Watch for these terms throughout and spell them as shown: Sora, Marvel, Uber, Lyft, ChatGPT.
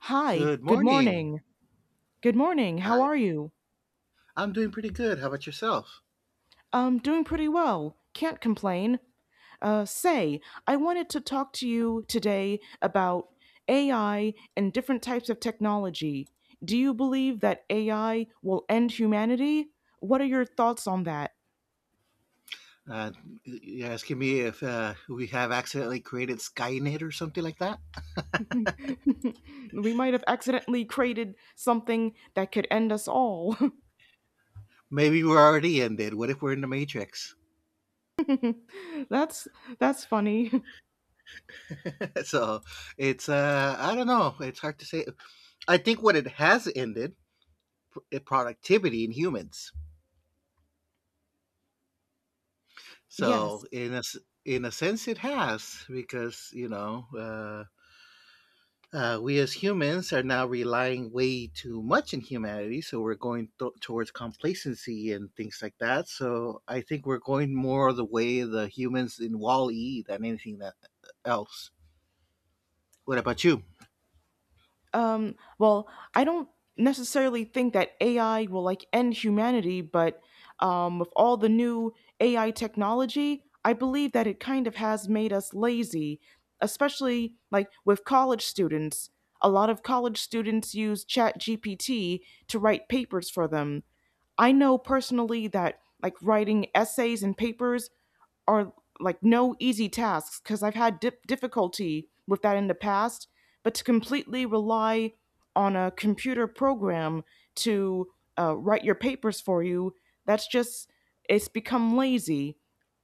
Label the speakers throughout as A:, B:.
A: Hi,
B: Good
A: good
B: morning.
A: morning. Good morning. How
B: Hi.
A: are you?
B: I'm doing pretty good. How about yourself?
A: Doing pretty well. Can't complain. Say, I wanted to talk to you today about AI and different types of technology. Do you believe that AI will end humanity? What are your thoughts on that?
B: Uh, you're asking me if we have accidentally created Skynet or something like that?
A: We might have accidentally created something that could end us all.
B: Maybe we're already ended. What if we're in the Matrix?
A: that's that's funny.
B: So it's, I don't know. It's hard to say. I think what it has ended, productivity in humans. So
A: Yes.
B: in a sense, it has because, we as humans are now relying way too much in humanity. So we're going towards complacency and things like that. So I think we're going more the way the humans in Wall E than anything that else. What about you?
A: Well, I don't necessarily think that AI will like end humanity, but with all the new AI technology, I believe that it kind of has made us lazy, especially like with college students. A lot of college students use ChatGPT to write papers for them. I know personally that like writing essays and papers are like no easy tasks because I've had difficulty with that in the past. But to completely rely on a computer program to write your papers for you, that's just, it's become lazy.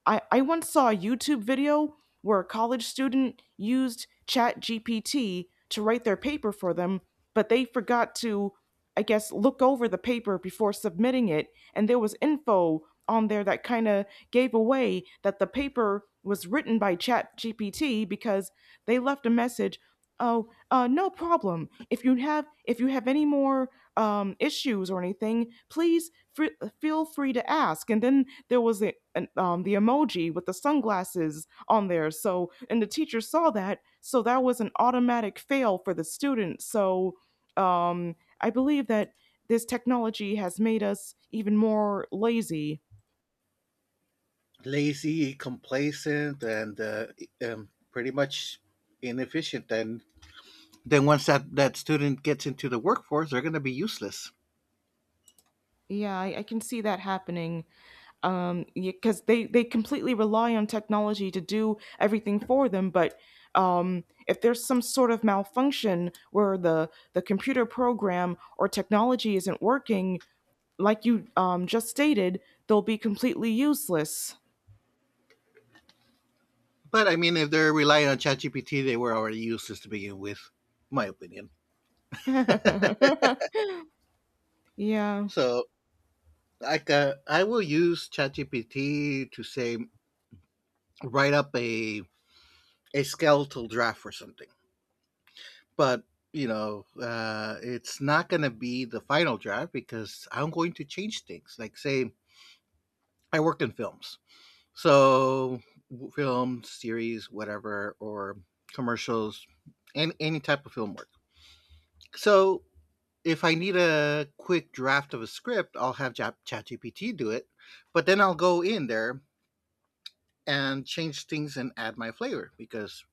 A: I once saw a YouTube video where a college student used ChatGPT to write their paper for them, but they forgot to, I guess, looked over the paper before submitting it, and there was info on there that kind of gave away that the paper was written by ChatGPT because they left a message. Oh, no problem. If you have any more issues or anything, please feel free to ask. And then there was the emoji with the sunglasses on there. So and the teacher saw that, so that was an automatic fail for the student. So. Um, I believe that this technology has made us even more lazy.
B: Lazy, complacent, and pretty much inefficient. And then once that student gets into the workforce, they're going to be useless.
A: Yeah, I can see that happening. Because they completely rely on technology to do everything for them, but if there's some sort of malfunction where the computer program or technology isn't working, like you just stated, they'll be completely useless.
B: But I mean, if they're relying on ChatGPT, they were already useless to begin with, my opinion.
A: Yeah.
B: So like I will use ChatGPT to say write up a skeletal draft or something, but you know, it's not going to be the final draft because I'm going to change things. Like say I work in films, so film series, whatever, or commercials, and any type of film work. So if I need a quick draft of a script, I'll have ChatGPT do it, but then I'll go in there and change things and add my flavor because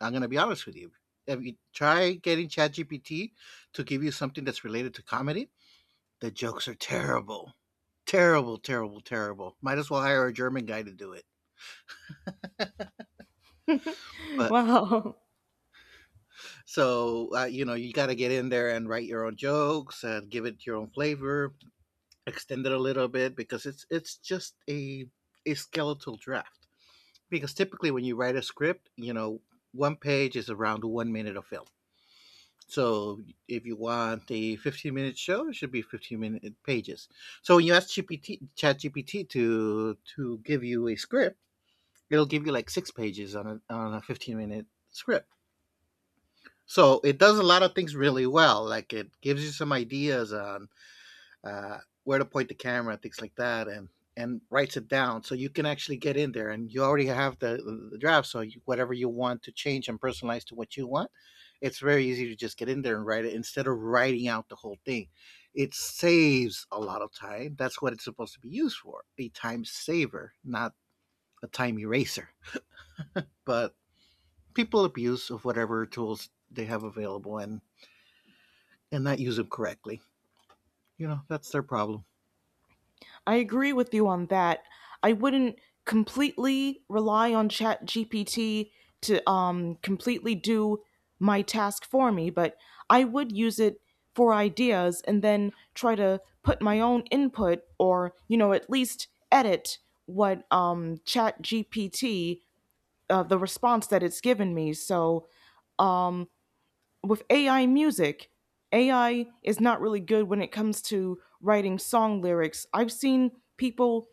B: I'm gonna be honest with you. If you try getting ChatGPT to give you something that's related to comedy, the jokes are terrible. Terrible, terrible, terrible. Might as well hire a German guy to do it. But
A: Wow.
B: so, uh, you know, you got to get in there and write your own jokes and give it your own flavor, extend it a little bit because it's just a skeletal draft. Because typically when you write a script, you know, one page is around 1 minute of film. So if you want a 15-minute show, it should be 15-minute pages. So when you ask ChatGPT to give you a script, it'll give you like six pages on a 15-minute script. So it does a lot of things really well. Like it gives you some ideas on uh, where to point the camera, things like that, and writes it down so you can actually get in there and you already have the draft so you, whatever you want to change and personalize to what you want, it's very easy to just get in there and write it instead of writing out the whole thing. It saves a lot of time. That's what it's supposed to be used for, a time saver, not a time eraser. But people abuse of whatever tools they have available and not use them correctly. You know, that's their problem.
A: I agree with you on that. I wouldn't completely rely on ChatGPT to completely do my task for me, but I would use it for ideas and then try to put my own input or, you know, at least edit what the response that it's given me. So, um with AI music, AI is not really good when it comes to writing song lyrics. I've seen people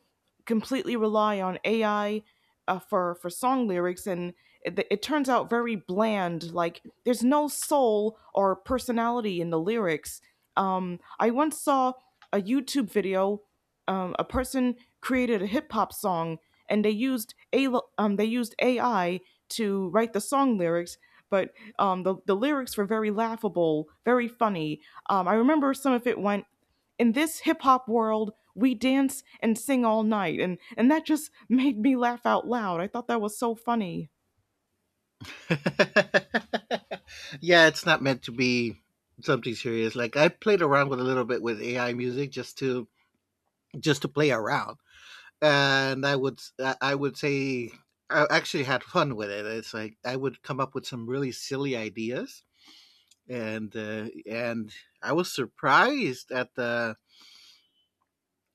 A: completely rely on AI for song lyrics, and it turns out very bland. Like there's no soul or personality in the lyrics. I once saw a YouTube video. A person created a hip hop song, and they used AI to write the song lyrics, but the lyrics were very laughable, very funny. I remember some of it went, in this hip hop world, we dance and sing all night. And that just made me laugh out loud. I thought that was so funny.
B: Yeah, it's not meant to be something serious. Like I played around with a little bit with AI music just to play around, and I would say I actually had fun with it. It's like I would come up with some really silly ideas, and I was surprised at the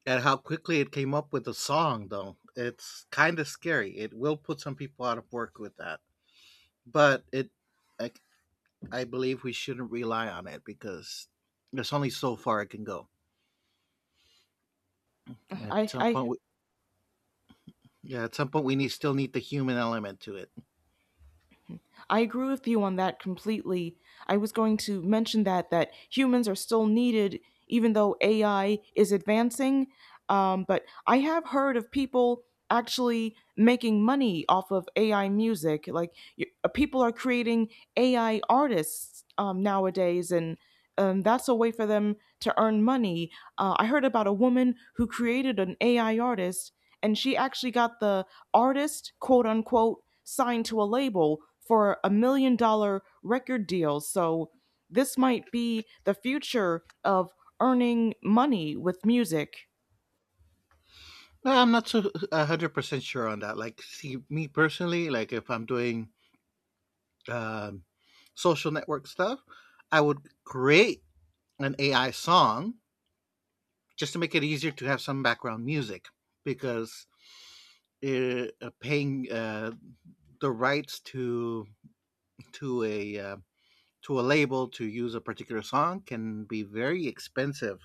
B: at how quickly it came up with a song. Though it's kind of scary. It will put some people out of work with that, but I, I believe we shouldn't rely on it because there's only so far it can go. At
A: I,
B: some point,
A: I,
B: we, yeah, at some point we need still need the human element to it.
A: I agree with you on that completely. I was going to mention that humans are still needed even though AI is advancing. But I have heard of people actually making money off of AI music. Like people are creating AI artists nowadays, and that's a way for them to earn money. I heard about a woman who created an AI artist, and she actually got the artist, quote unquote, signed to a label for a $1 million record deal. So this might be the future of earning money with music.
B: No, I'm not so 100% sure on that. Like, see, me personally, like if I'm doing um, social network stuff, I would create an AI song just to make it easier to have some background music because uh, paying the rights to a uh, to a label to use a particular song can be very expensive,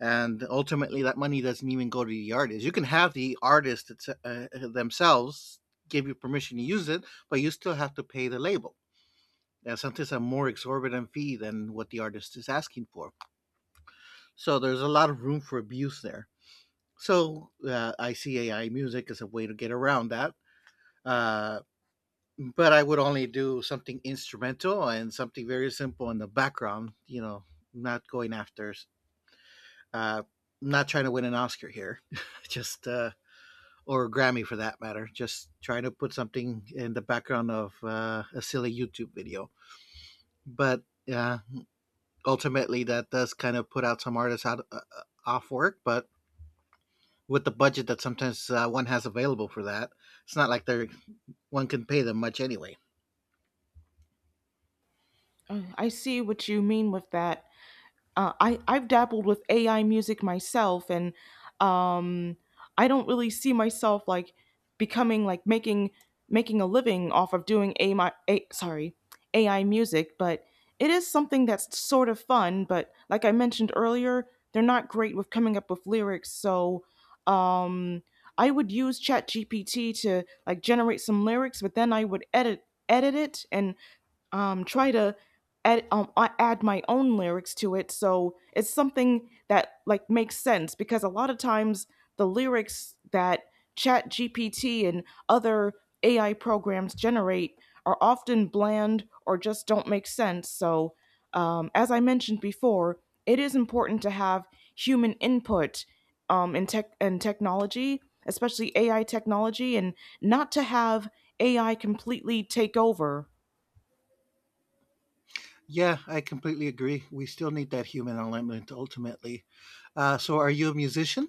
B: and ultimately that money doesn't even go to the artist. You can have the artist, themselves, give you permission to use it, but you still have to pay the label, and sometimes a more exorbitant fee than what the artist is asking for. So there's a lot of room for abuse there. So icai music is a way to get around that, uh, but I would only do something instrumental and something very simple in the background. You know, not going after, uh, not trying to win an Oscar here, just or a Grammy for that matter. Just trying to put something in the background of a silly YouTube video. But yeah, ultimately that does kind of put out some artists out off work. But with the budget that sometimes one has available for that, it's not like they're one can pay them much anyway.
A: I see what you mean with that. I've dabbled with AI music myself, and um, I don't really see myself like becoming like making a living off of doing a my a, sorry AI music, but it is something that's sort of fun. But like I mentioned earlier, they're not great with coming up with lyrics, so um, I would use ChatGPT to like generate some lyrics, but then I would edit it and try to add I add my own lyrics to it, so it's something that like makes sense because a lot of times the lyrics that Chat GPT and other AI programs generate are often bland or just don't make sense. So, as I mentioned before, it is important to have human input in tech and technology, especially AI technology, and not to have AI completely take over.
B: Yeah, I completely agree. We still need that human element ultimately. So, are you a musician?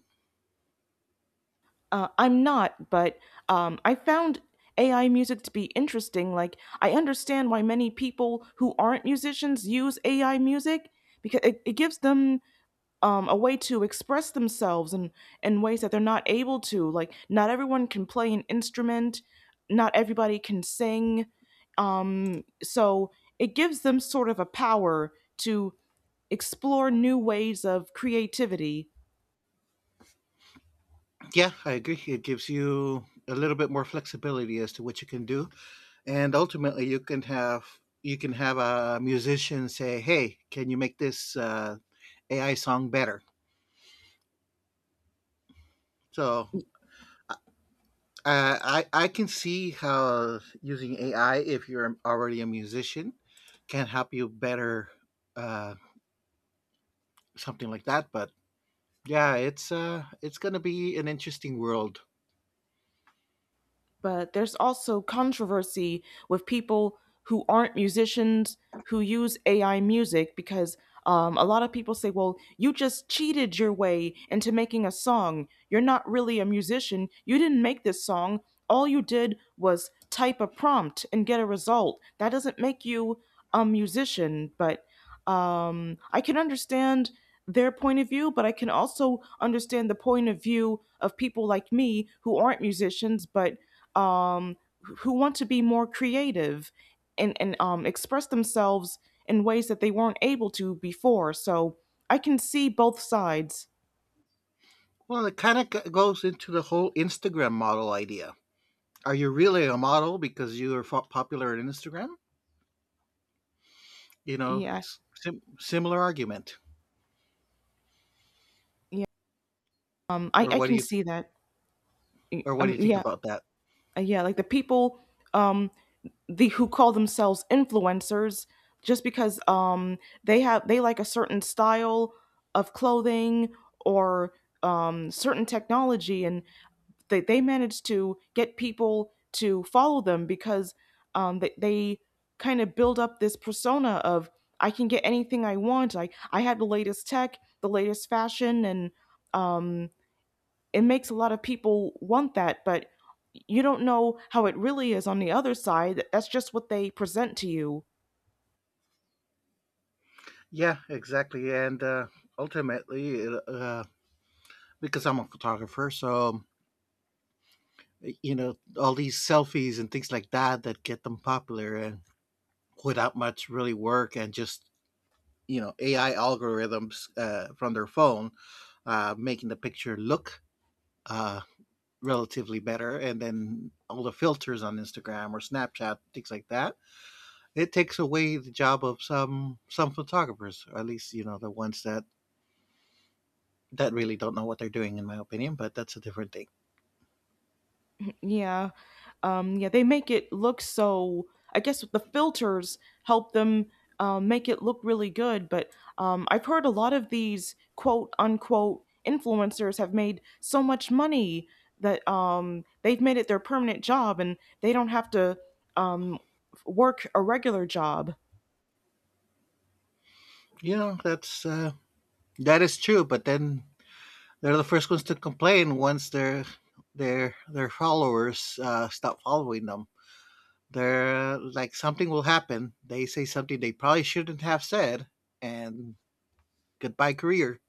A: I'm not, but I found AI music to be interesting. Like, I understand why many people who aren't musicians use AI music because it gives them a way to express themselves in ways that they're not able to. Like, not everyone can play an instrument, not everybody can sing. So, it gives them sort of a power to explore new ways of creativity.
B: Yeah, I agree. It gives you a little bit more flexibility as to what you can do, and ultimately, you can have a musician say, "Hey, can you make this AI song better?" So, uh, I can see how using AI, if you're already a musician, can help you better uh, something like that. But yeah, it's going to be an interesting world.
A: But there's also controversy with people who aren't musicians who use AI music because a lot of people say, well, you just cheated your way into making a song. You're not really a musician. You didn't make this song. All you did was type a prompt and get a result. That doesn't make you a musician. But I can understand their point of view, but I can also understand the point of view of people like me who aren't musicians but um, who want to be more creative and express themselves in ways that they weren't able to before. So I can see both sides.
B: Well, it kind of goes into the whole Instagram model idea. Are you really a model because you are popular on Instagram? You know,
A: Yeah,
B: it's similar argument.
A: yeah. Um, I,
B: Or
A: I
B: what do
A: can
B: you th-
A: see that. Y-
B: or what do
A: Um,
B: you think
A: yeah,
B: about that?
A: yeah. Like the people, um, the who call themselves influencers, just because they have they like a certain style of clothing or certain technology, and they managed to get people to follow them because they kind of build up this persona of I can get anything I want. I have the latest tech, the latest fashion, and um, it makes a lot of people want that, but you don't know how it really is on the other side. That's just what they present to you.
B: Yeah, exactly. And ultimately because I'm a photographer, so you know, all these selfies and things like that that get them popular and without much really work and just, you know, AI algorithms from their phone, making the picture look uh, relatively better, and then all the filters on Instagram or Snapchat, things like that. It takes away the job of some photographers, or at least you know the ones that really don't know what they're doing, in my opinion. But that's a different thing.
A: Yeah. Yeah, they make it look so. I guess the filters help them make it look really good, but I've heard a lot of these quote unquote influencers have made so much money that they've made it their permanent job and they don't have to um, work a regular job.
B: You know, that is true. But then they're the first ones to complain once their followers stop following them. They're like something will happen. They say something they probably shouldn't have said, and goodbye career.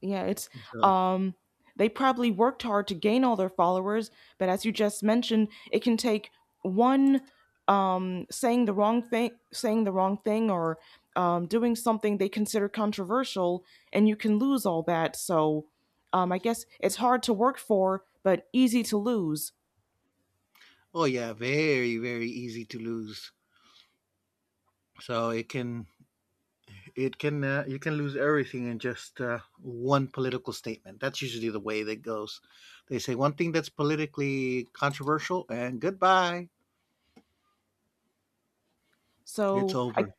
A: Yeah, it's
B: So,
A: um they probably worked hard to gain all their followers, but as you just mentioned, it can take one saying the wrong thing or doing something they consider controversial and you can lose all that. So I guess it's hard to work for but easy to lose.
B: oh yeah, very very easy to lose. So it can you can lose everything in just one political statement. That's usually the way that goes. They say one thing that's politically controversial and goodbye, it's
A: So I
B: over.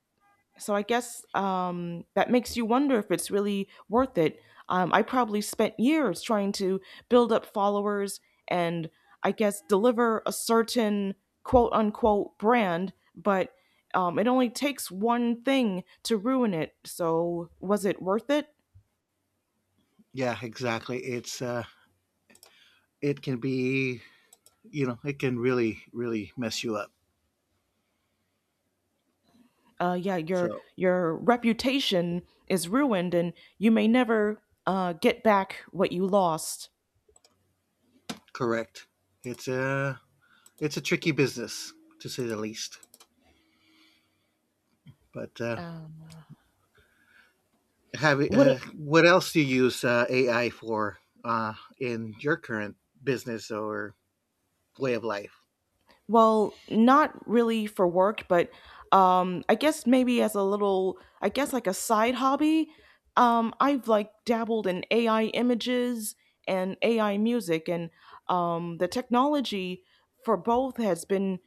A: So I guess that makes you wonder if it's really worth it. I probably spent years trying to build up followers and I guess deliver a certain quote unquote brand, but it only takes one thing to ruin it. So was it worth it?
B: Yeah, exactly. It can be, you know, it can really really mess you up.
A: Yeah,
B: So
A: your reputation is ruined, and you may never get back what you lost.
B: correct. It's a it's a tricky business to say the least. But
A: Um,
B: Have
A: What
B: what else do you use AI for in your current business or way of life?
A: Well, not really for work, but I guess maybe as a little, I guess like a side hobby. I've like dabbled in AI images and AI music, and the technology for both has been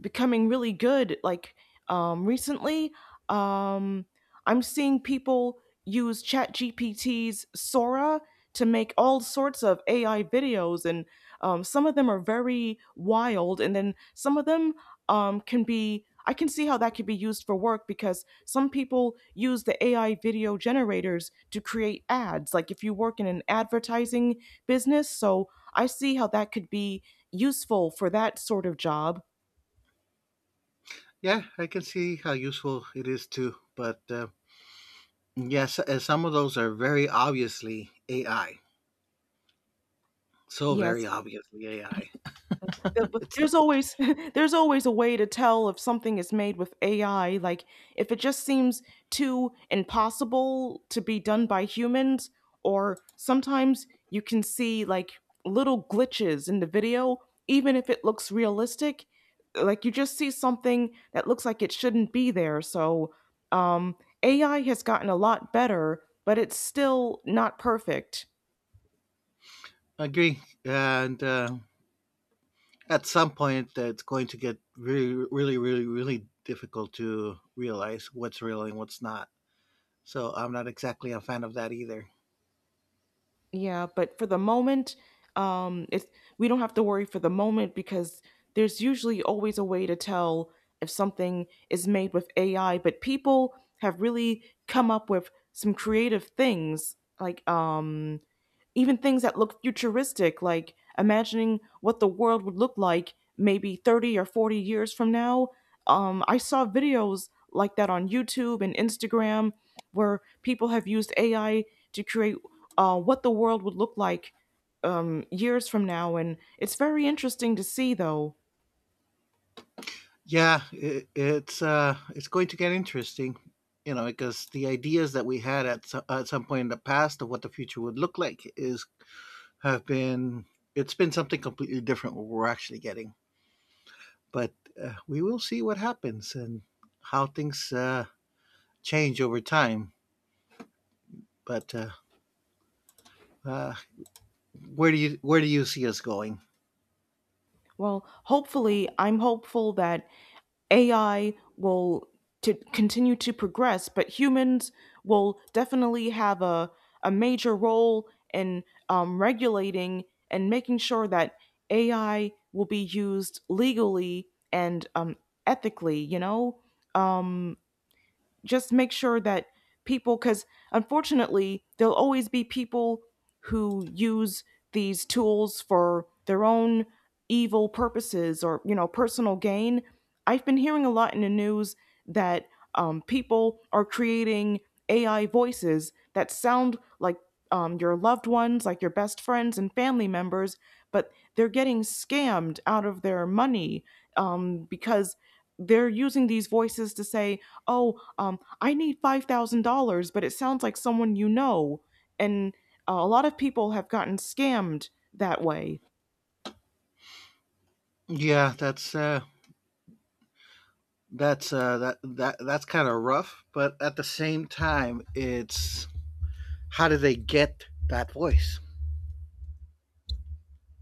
A: becoming really good like recently um I'm seeing people use ChatGPT's Sora to make all sorts of AI videos and some of them are very wild and then some of them can be I can see how that could be used for work because some people use the AI video generators to create ads, like if you work in an advertising business, so I see how that could be useful for that sort of job.
B: Yeah, I can see how useful it is too. But yes, some of those are very obviously AI. So very
A: Yes.
B: obviously AI.
A: But but
B: It's not,
A: there's always there's always a way to tell if something is made with AI. Like if it just seems too impossible to be done by humans, or sometimes you can see like little glitches in the video, even if it looks realistic. Like you just see something that looks like it shouldn't be there. So um, AI has gotten a lot better, but it's still not perfect.
B: I agree, and at some point it's going to get really, really, really, really difficult to realize what's real and what's not. So I'm not exactly a fan of that either.
A: Yeah, but for the moment, it's we don't have to worry for the moment because there's usually always a way to tell if something is made with AI, but people have really come up with some creative things like even things that look futuristic, like imagining what the world would look like maybe 30 or 40 years from now. I saw videos like that on YouTube and Instagram where people have used AI to create what the world would look like years from now. And it's very interesting to see, though.
B: Yeah, it's going to get interesting, you know, because the ideas that we had at some point in the past of what the future would look like is have been it's been something completely different what we're actually getting. But We will see what happens and how things change over time. But uh, where do you see us going?
A: Well, hopefully, I'm hopeful that AI will to continue to progress, but humans will definitely have a major role in regulating and making sure that AI will be used legally and ethically, you know? Um, just make sure that people, because unfortunately there'll always be people who use these tools for their own evil purposes or personal gain. I've been hearing a lot in the news that people are creating AI voices that sound like your loved ones, like your best friends and family members, but they're getting scammed out of their money, because they're using these voices to say, oh, I need $5000, but it sounds like someone you know. And a lot of people have gotten scammed that way.
B: Yeah, that that's kind of rough, but at the same time, it's how do they get that voice?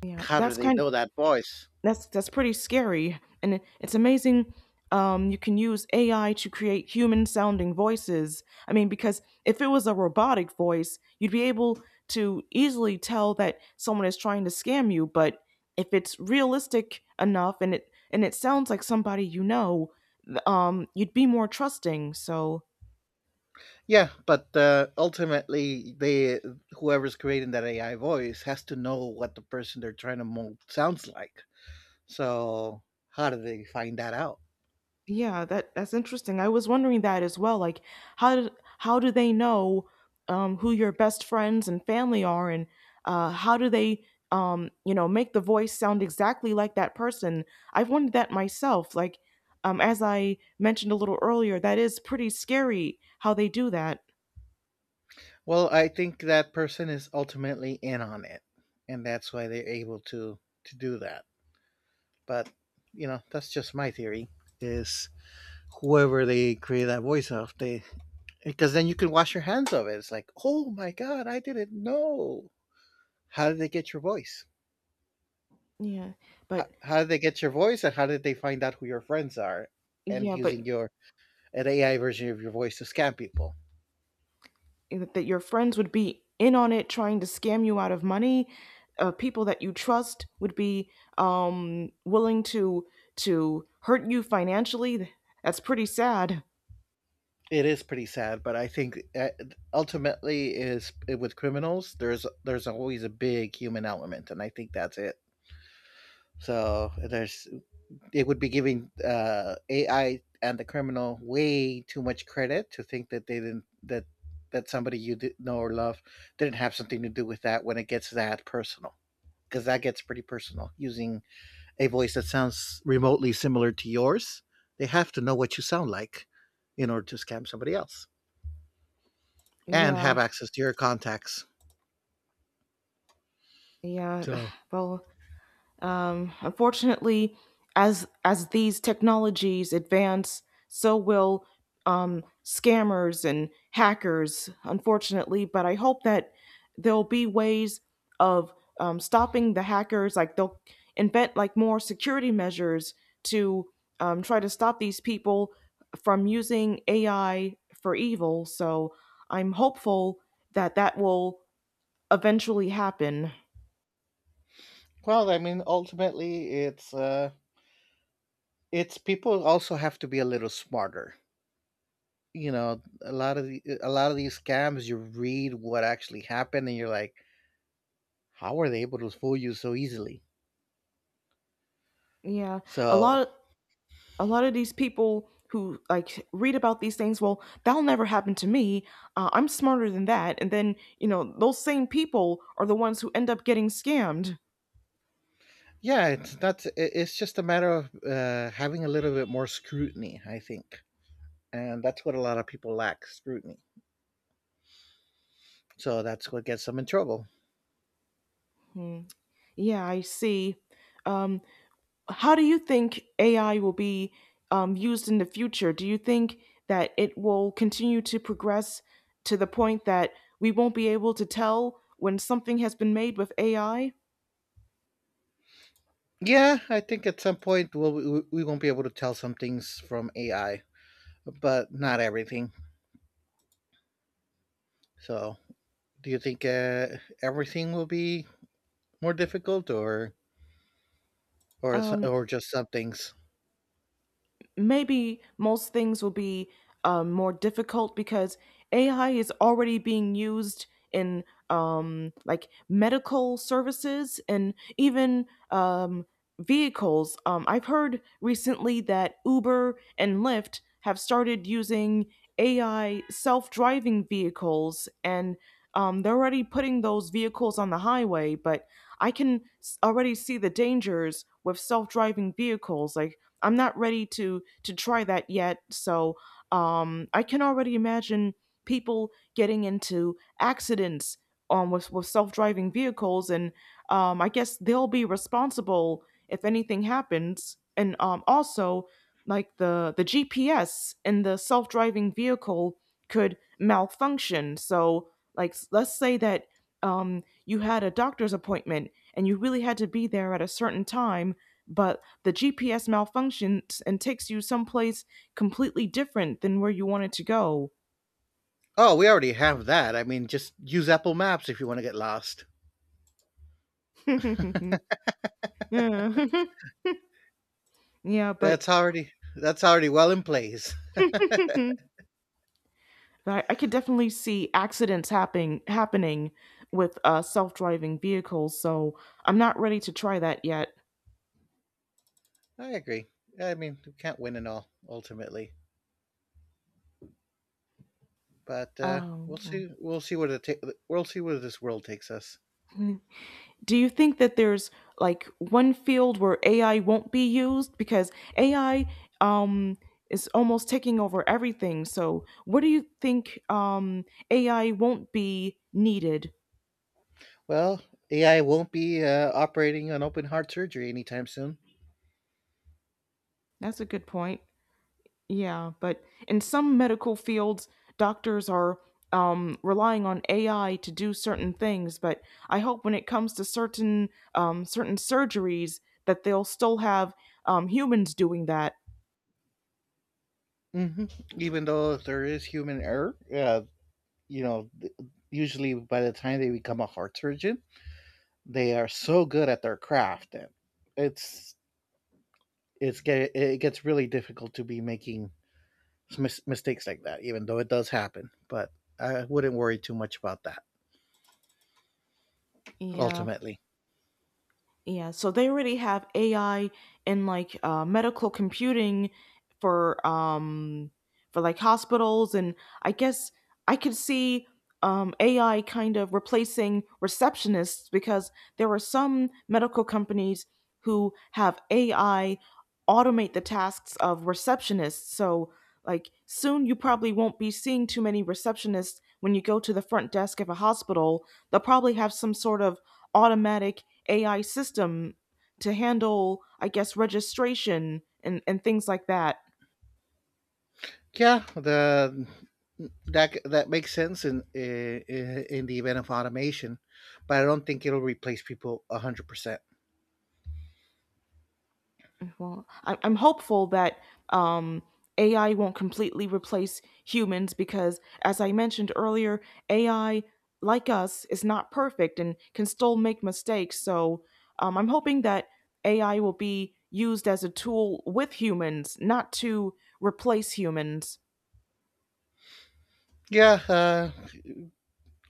A: yeah
B: How do
A: that's
B: they
A: kind
B: know that voice?
A: That's pretty scary, and it's amazing you can use AI to create human sounding voices. I mean, because if it was a robotic voice, you'd be able to easily tell that someone is trying to scam you. But if it's realistic enough and it sounds like somebody you know, you'd be more trusting. So
B: Yeah, but ultimately, they whoever's creating that AI voice has to know what the person they're trying to mold sounds like. So how do they find that out?
A: yeah, that that's interesting. I was wondering that as well. Like, how do how do they know who your best friends and family are, and how do they, make the voice sound exactly like that person? I've wondered that myself. Like, as I mentioned a little earlier, that is pretty scary how they do that.
B: Well, I think that person is ultimately in on it, and that's why they're able to do that. But you know, that's just my theory. Is whoever they create that voice of, they, because then you can wash your hands of it. It's like, oh my god, I didn't know. How did they get your voice?
A: Yeah, but
B: How did they get your voice, and how did they find out who your friends are, and
A: yeah, but
B: using your an AI version of your voice to scam people?
A: eh, that your friends would be in on it trying to scam you out of money. People that you trust would be willing to hurt you financially. That's pretty sad.
B: It is pretty sad, but I think ultimately is with criminals. There's always a big human element, and I think that's it. So there's it would be giving AI and the criminal way too much credit to think that they didn't that that somebody you did know or love didn't have something to do with that when it gets that personal, because that gets pretty personal using a voice that sounds remotely similar to yours. They have to know what you sound like in order to scam somebody else and have
A: Yeah.
B: access to your contacts.
A: Yeah.
B: So,
A: Well, unfortunately, as these technologies advance, so will scammers and hackers. Unfortunately, but I hope that there'll be ways of stopping the hackers. Like they'll invent like more security measures to try to stop these people from using AI for evil. So I'm hopeful that that will eventually happen.
B: well, I mean, ultimately, it's people also have to be a little smarter. You know, a lot of these scams, you read what actually happened, and you're like, how are they able to fool you so easily?
A: Yeah, a
B: So,
A: lot a lot of these people who like read about these things, well, that'll never happen to me, I'm smarter than that. And then, you know, those same people are the ones who end up getting scammed.
B: yeah, it's not. It- It's just a matter of having a little bit more scrutiny, I think. And that's what a lot of people lack, scrutiny. So that's what gets them in trouble.
A: Hmm. Yeah, I see. um, how do you think AI will be used in the future? Do you think that it will continue to progress to the point that we won't be able to tell when something has been made with AI?
B: Yeah, I think at some point we won't be able to tell some things from AI, but not everything. So, do you think everything will be more difficult, or or s-
A: um,
B: or just some things?
A: Maybe most things will be more difficult, because AI is already being used in like medical services and even vehicles. I've heard recently that Uber and Lyft have started using AI self driving vehicles, and they're already putting those vehicles on the highway. But I can already see the dangers with self driving vehicles. Like, I'm not ready to try that yet. So I can already imagine people getting into accidents with self driving vehicles, and I guess they'll be responsible if anything happens. And also, like the GPS in the self driving vehicle could malfunction. So, like, let's say that you had a doctor's appointment and you really had to be there at a certain time, but the GPS malfunctions and takes you someplace completely different than where you wanted to go.
B: Oh, we already have that. I mean, just use Apple Maps if you want to get lost.
A: Yeah. Yeah, but
B: That's already well in place.
A: I, I could definitely see accidents happening with self driving vehicles, so I'm not ready to try that yet.
B: I agree. I mean, we can't win it all ultimately. But,
A: Um,
B: we'll see what it ta we'll see where this world takes us.
A: do you think that there's like one field where AI won't be used, because AI um, is almost taking over everything? So, what do you think AI won't be needed?
B: Well, AI won't be, operating on open heart surgery anytime soon.
A: That's a good point. Yeah, but in some medical fields, doctors are relying on AI to do certain things. But I hope when it comes to certain certain surgeries, that they'll still have humans doing that.
B: Mhm. Even though there is human error, you know, th usually by the time they become a heart surgeon, they are so good at their craft that it's it gets really difficult to be making mistakes like that, even though it does happen. But I wouldn't worry too much about that,
A: Yeah.
B: ultimately.
A: Yeah, so they already have AI in like medical computing for um for like hospitals, and I guess I could see AI kind of replacing receptionists, because there are some medical companies who have AI automate the tasks of receptionists. So like soon you probably won't be seeing too many receptionists when you go to the front desk of a hospital. They'll probably have some sort of automatic AI system to handle, I guess, registration and things like that.
B: Yeah, the that makes sense in the event of automation, but I don't think it'll replace people 100%.
A: Well, I, I'm hopeful that um, AI won't completely replace humans, because, as I mentioned earlier, AI, like us, is not perfect and can still make mistakes. So I'm hoping that AI will be used as a tool with humans, not to replace humans.
B: Yeah,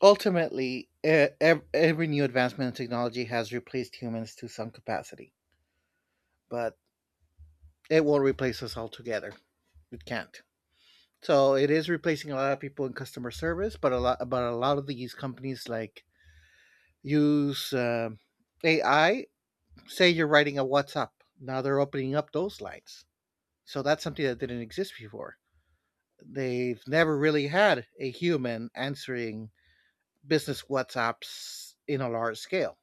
B: ultimately, every new advancement in technology has replaced humans to some capacity, but it won't replace us altogether. It can't. So it is replacing a lot of people in customer service, but a lot of these companies like use AI. Say you're writing a WhatsApp. Now they're opening up those lines. So that's something that didn't exist before. They've never really had a human answering business WhatsApps in a large scale.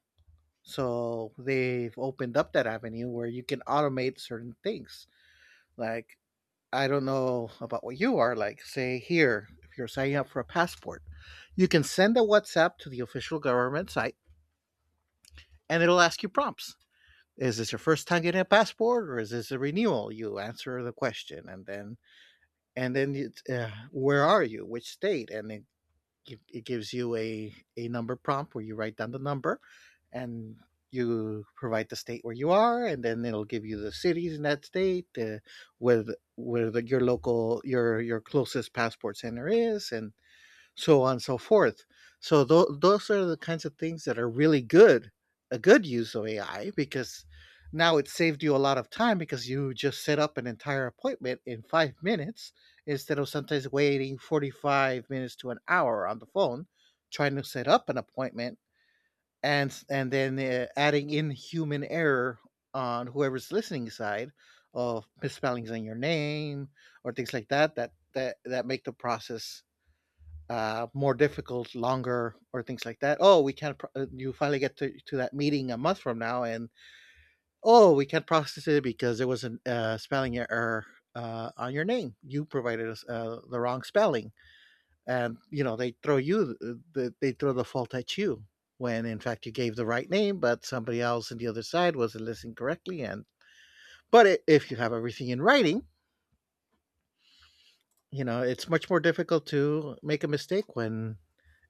B: So they've opened up that avenue where you can automate certain things. Like, I don't know about what you are, like, say, here, if you're signing up for a passport, you can send a WhatsApp to the official government site and it'll ask you prompts. Is this your first time getting a passport, or is this a renewal? You answer the question, and then, you, where are you? Which state? And then it gives you a number prompt where you write down the number, and you provide the state where you are, and then it'll give you the cities in that state with where your local your closest passport center is, and so on and so forth. So those are the kinds of things that are really good, a good use of AI, because now it saved you a lot of time because you just set up an entire appointment in 5 minutes instead of sometimes waiting 45 minutes to an hour on the phone trying to set up an appointment and s- and then adding in human error on whoever's listening side, of misspellings in your name or things like that that make the process more difficult, longer, or things like that. Oh, we can't. You finally get to that meeting a month from now, and oh, we can't process it because there was a spelling error on your name. You provided us the wrong spelling, and you know They throw the fault at you when, in fact, you gave the right name, but somebody else on the other side wasn't listening correctly. And but if you have everything in writing, you know it's much more difficult to make a mistake when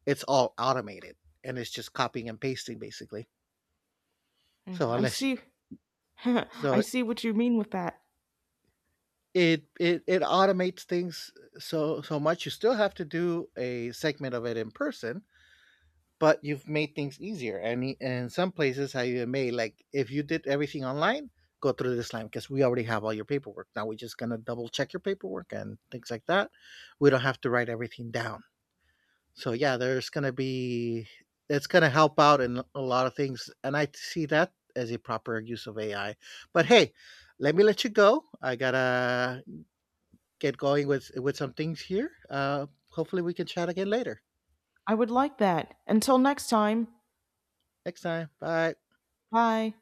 B: it's all automated and it's just copying and pasting basically. So
A: I
B: unless
A: see. I
B: so
A: see what you mean with that.
B: it automates things so much, you still have to do a segment of it in person, but you've made things easier. And in some places, I even made, like, if you did everything online, go through this line because we already have all your paperwork. Now we're just gonna double check your paperwork and things like that. We don't have to write everything down. So yeah, there's gonna be it's gonna help out in a lot of things, and I see that as a proper use of AI. But hey, let me let you go. I gotta get going with some things here. Hopefully, we can chat again later.
A: I would like that. Until next time,
B: Next time, bye.
A: bye.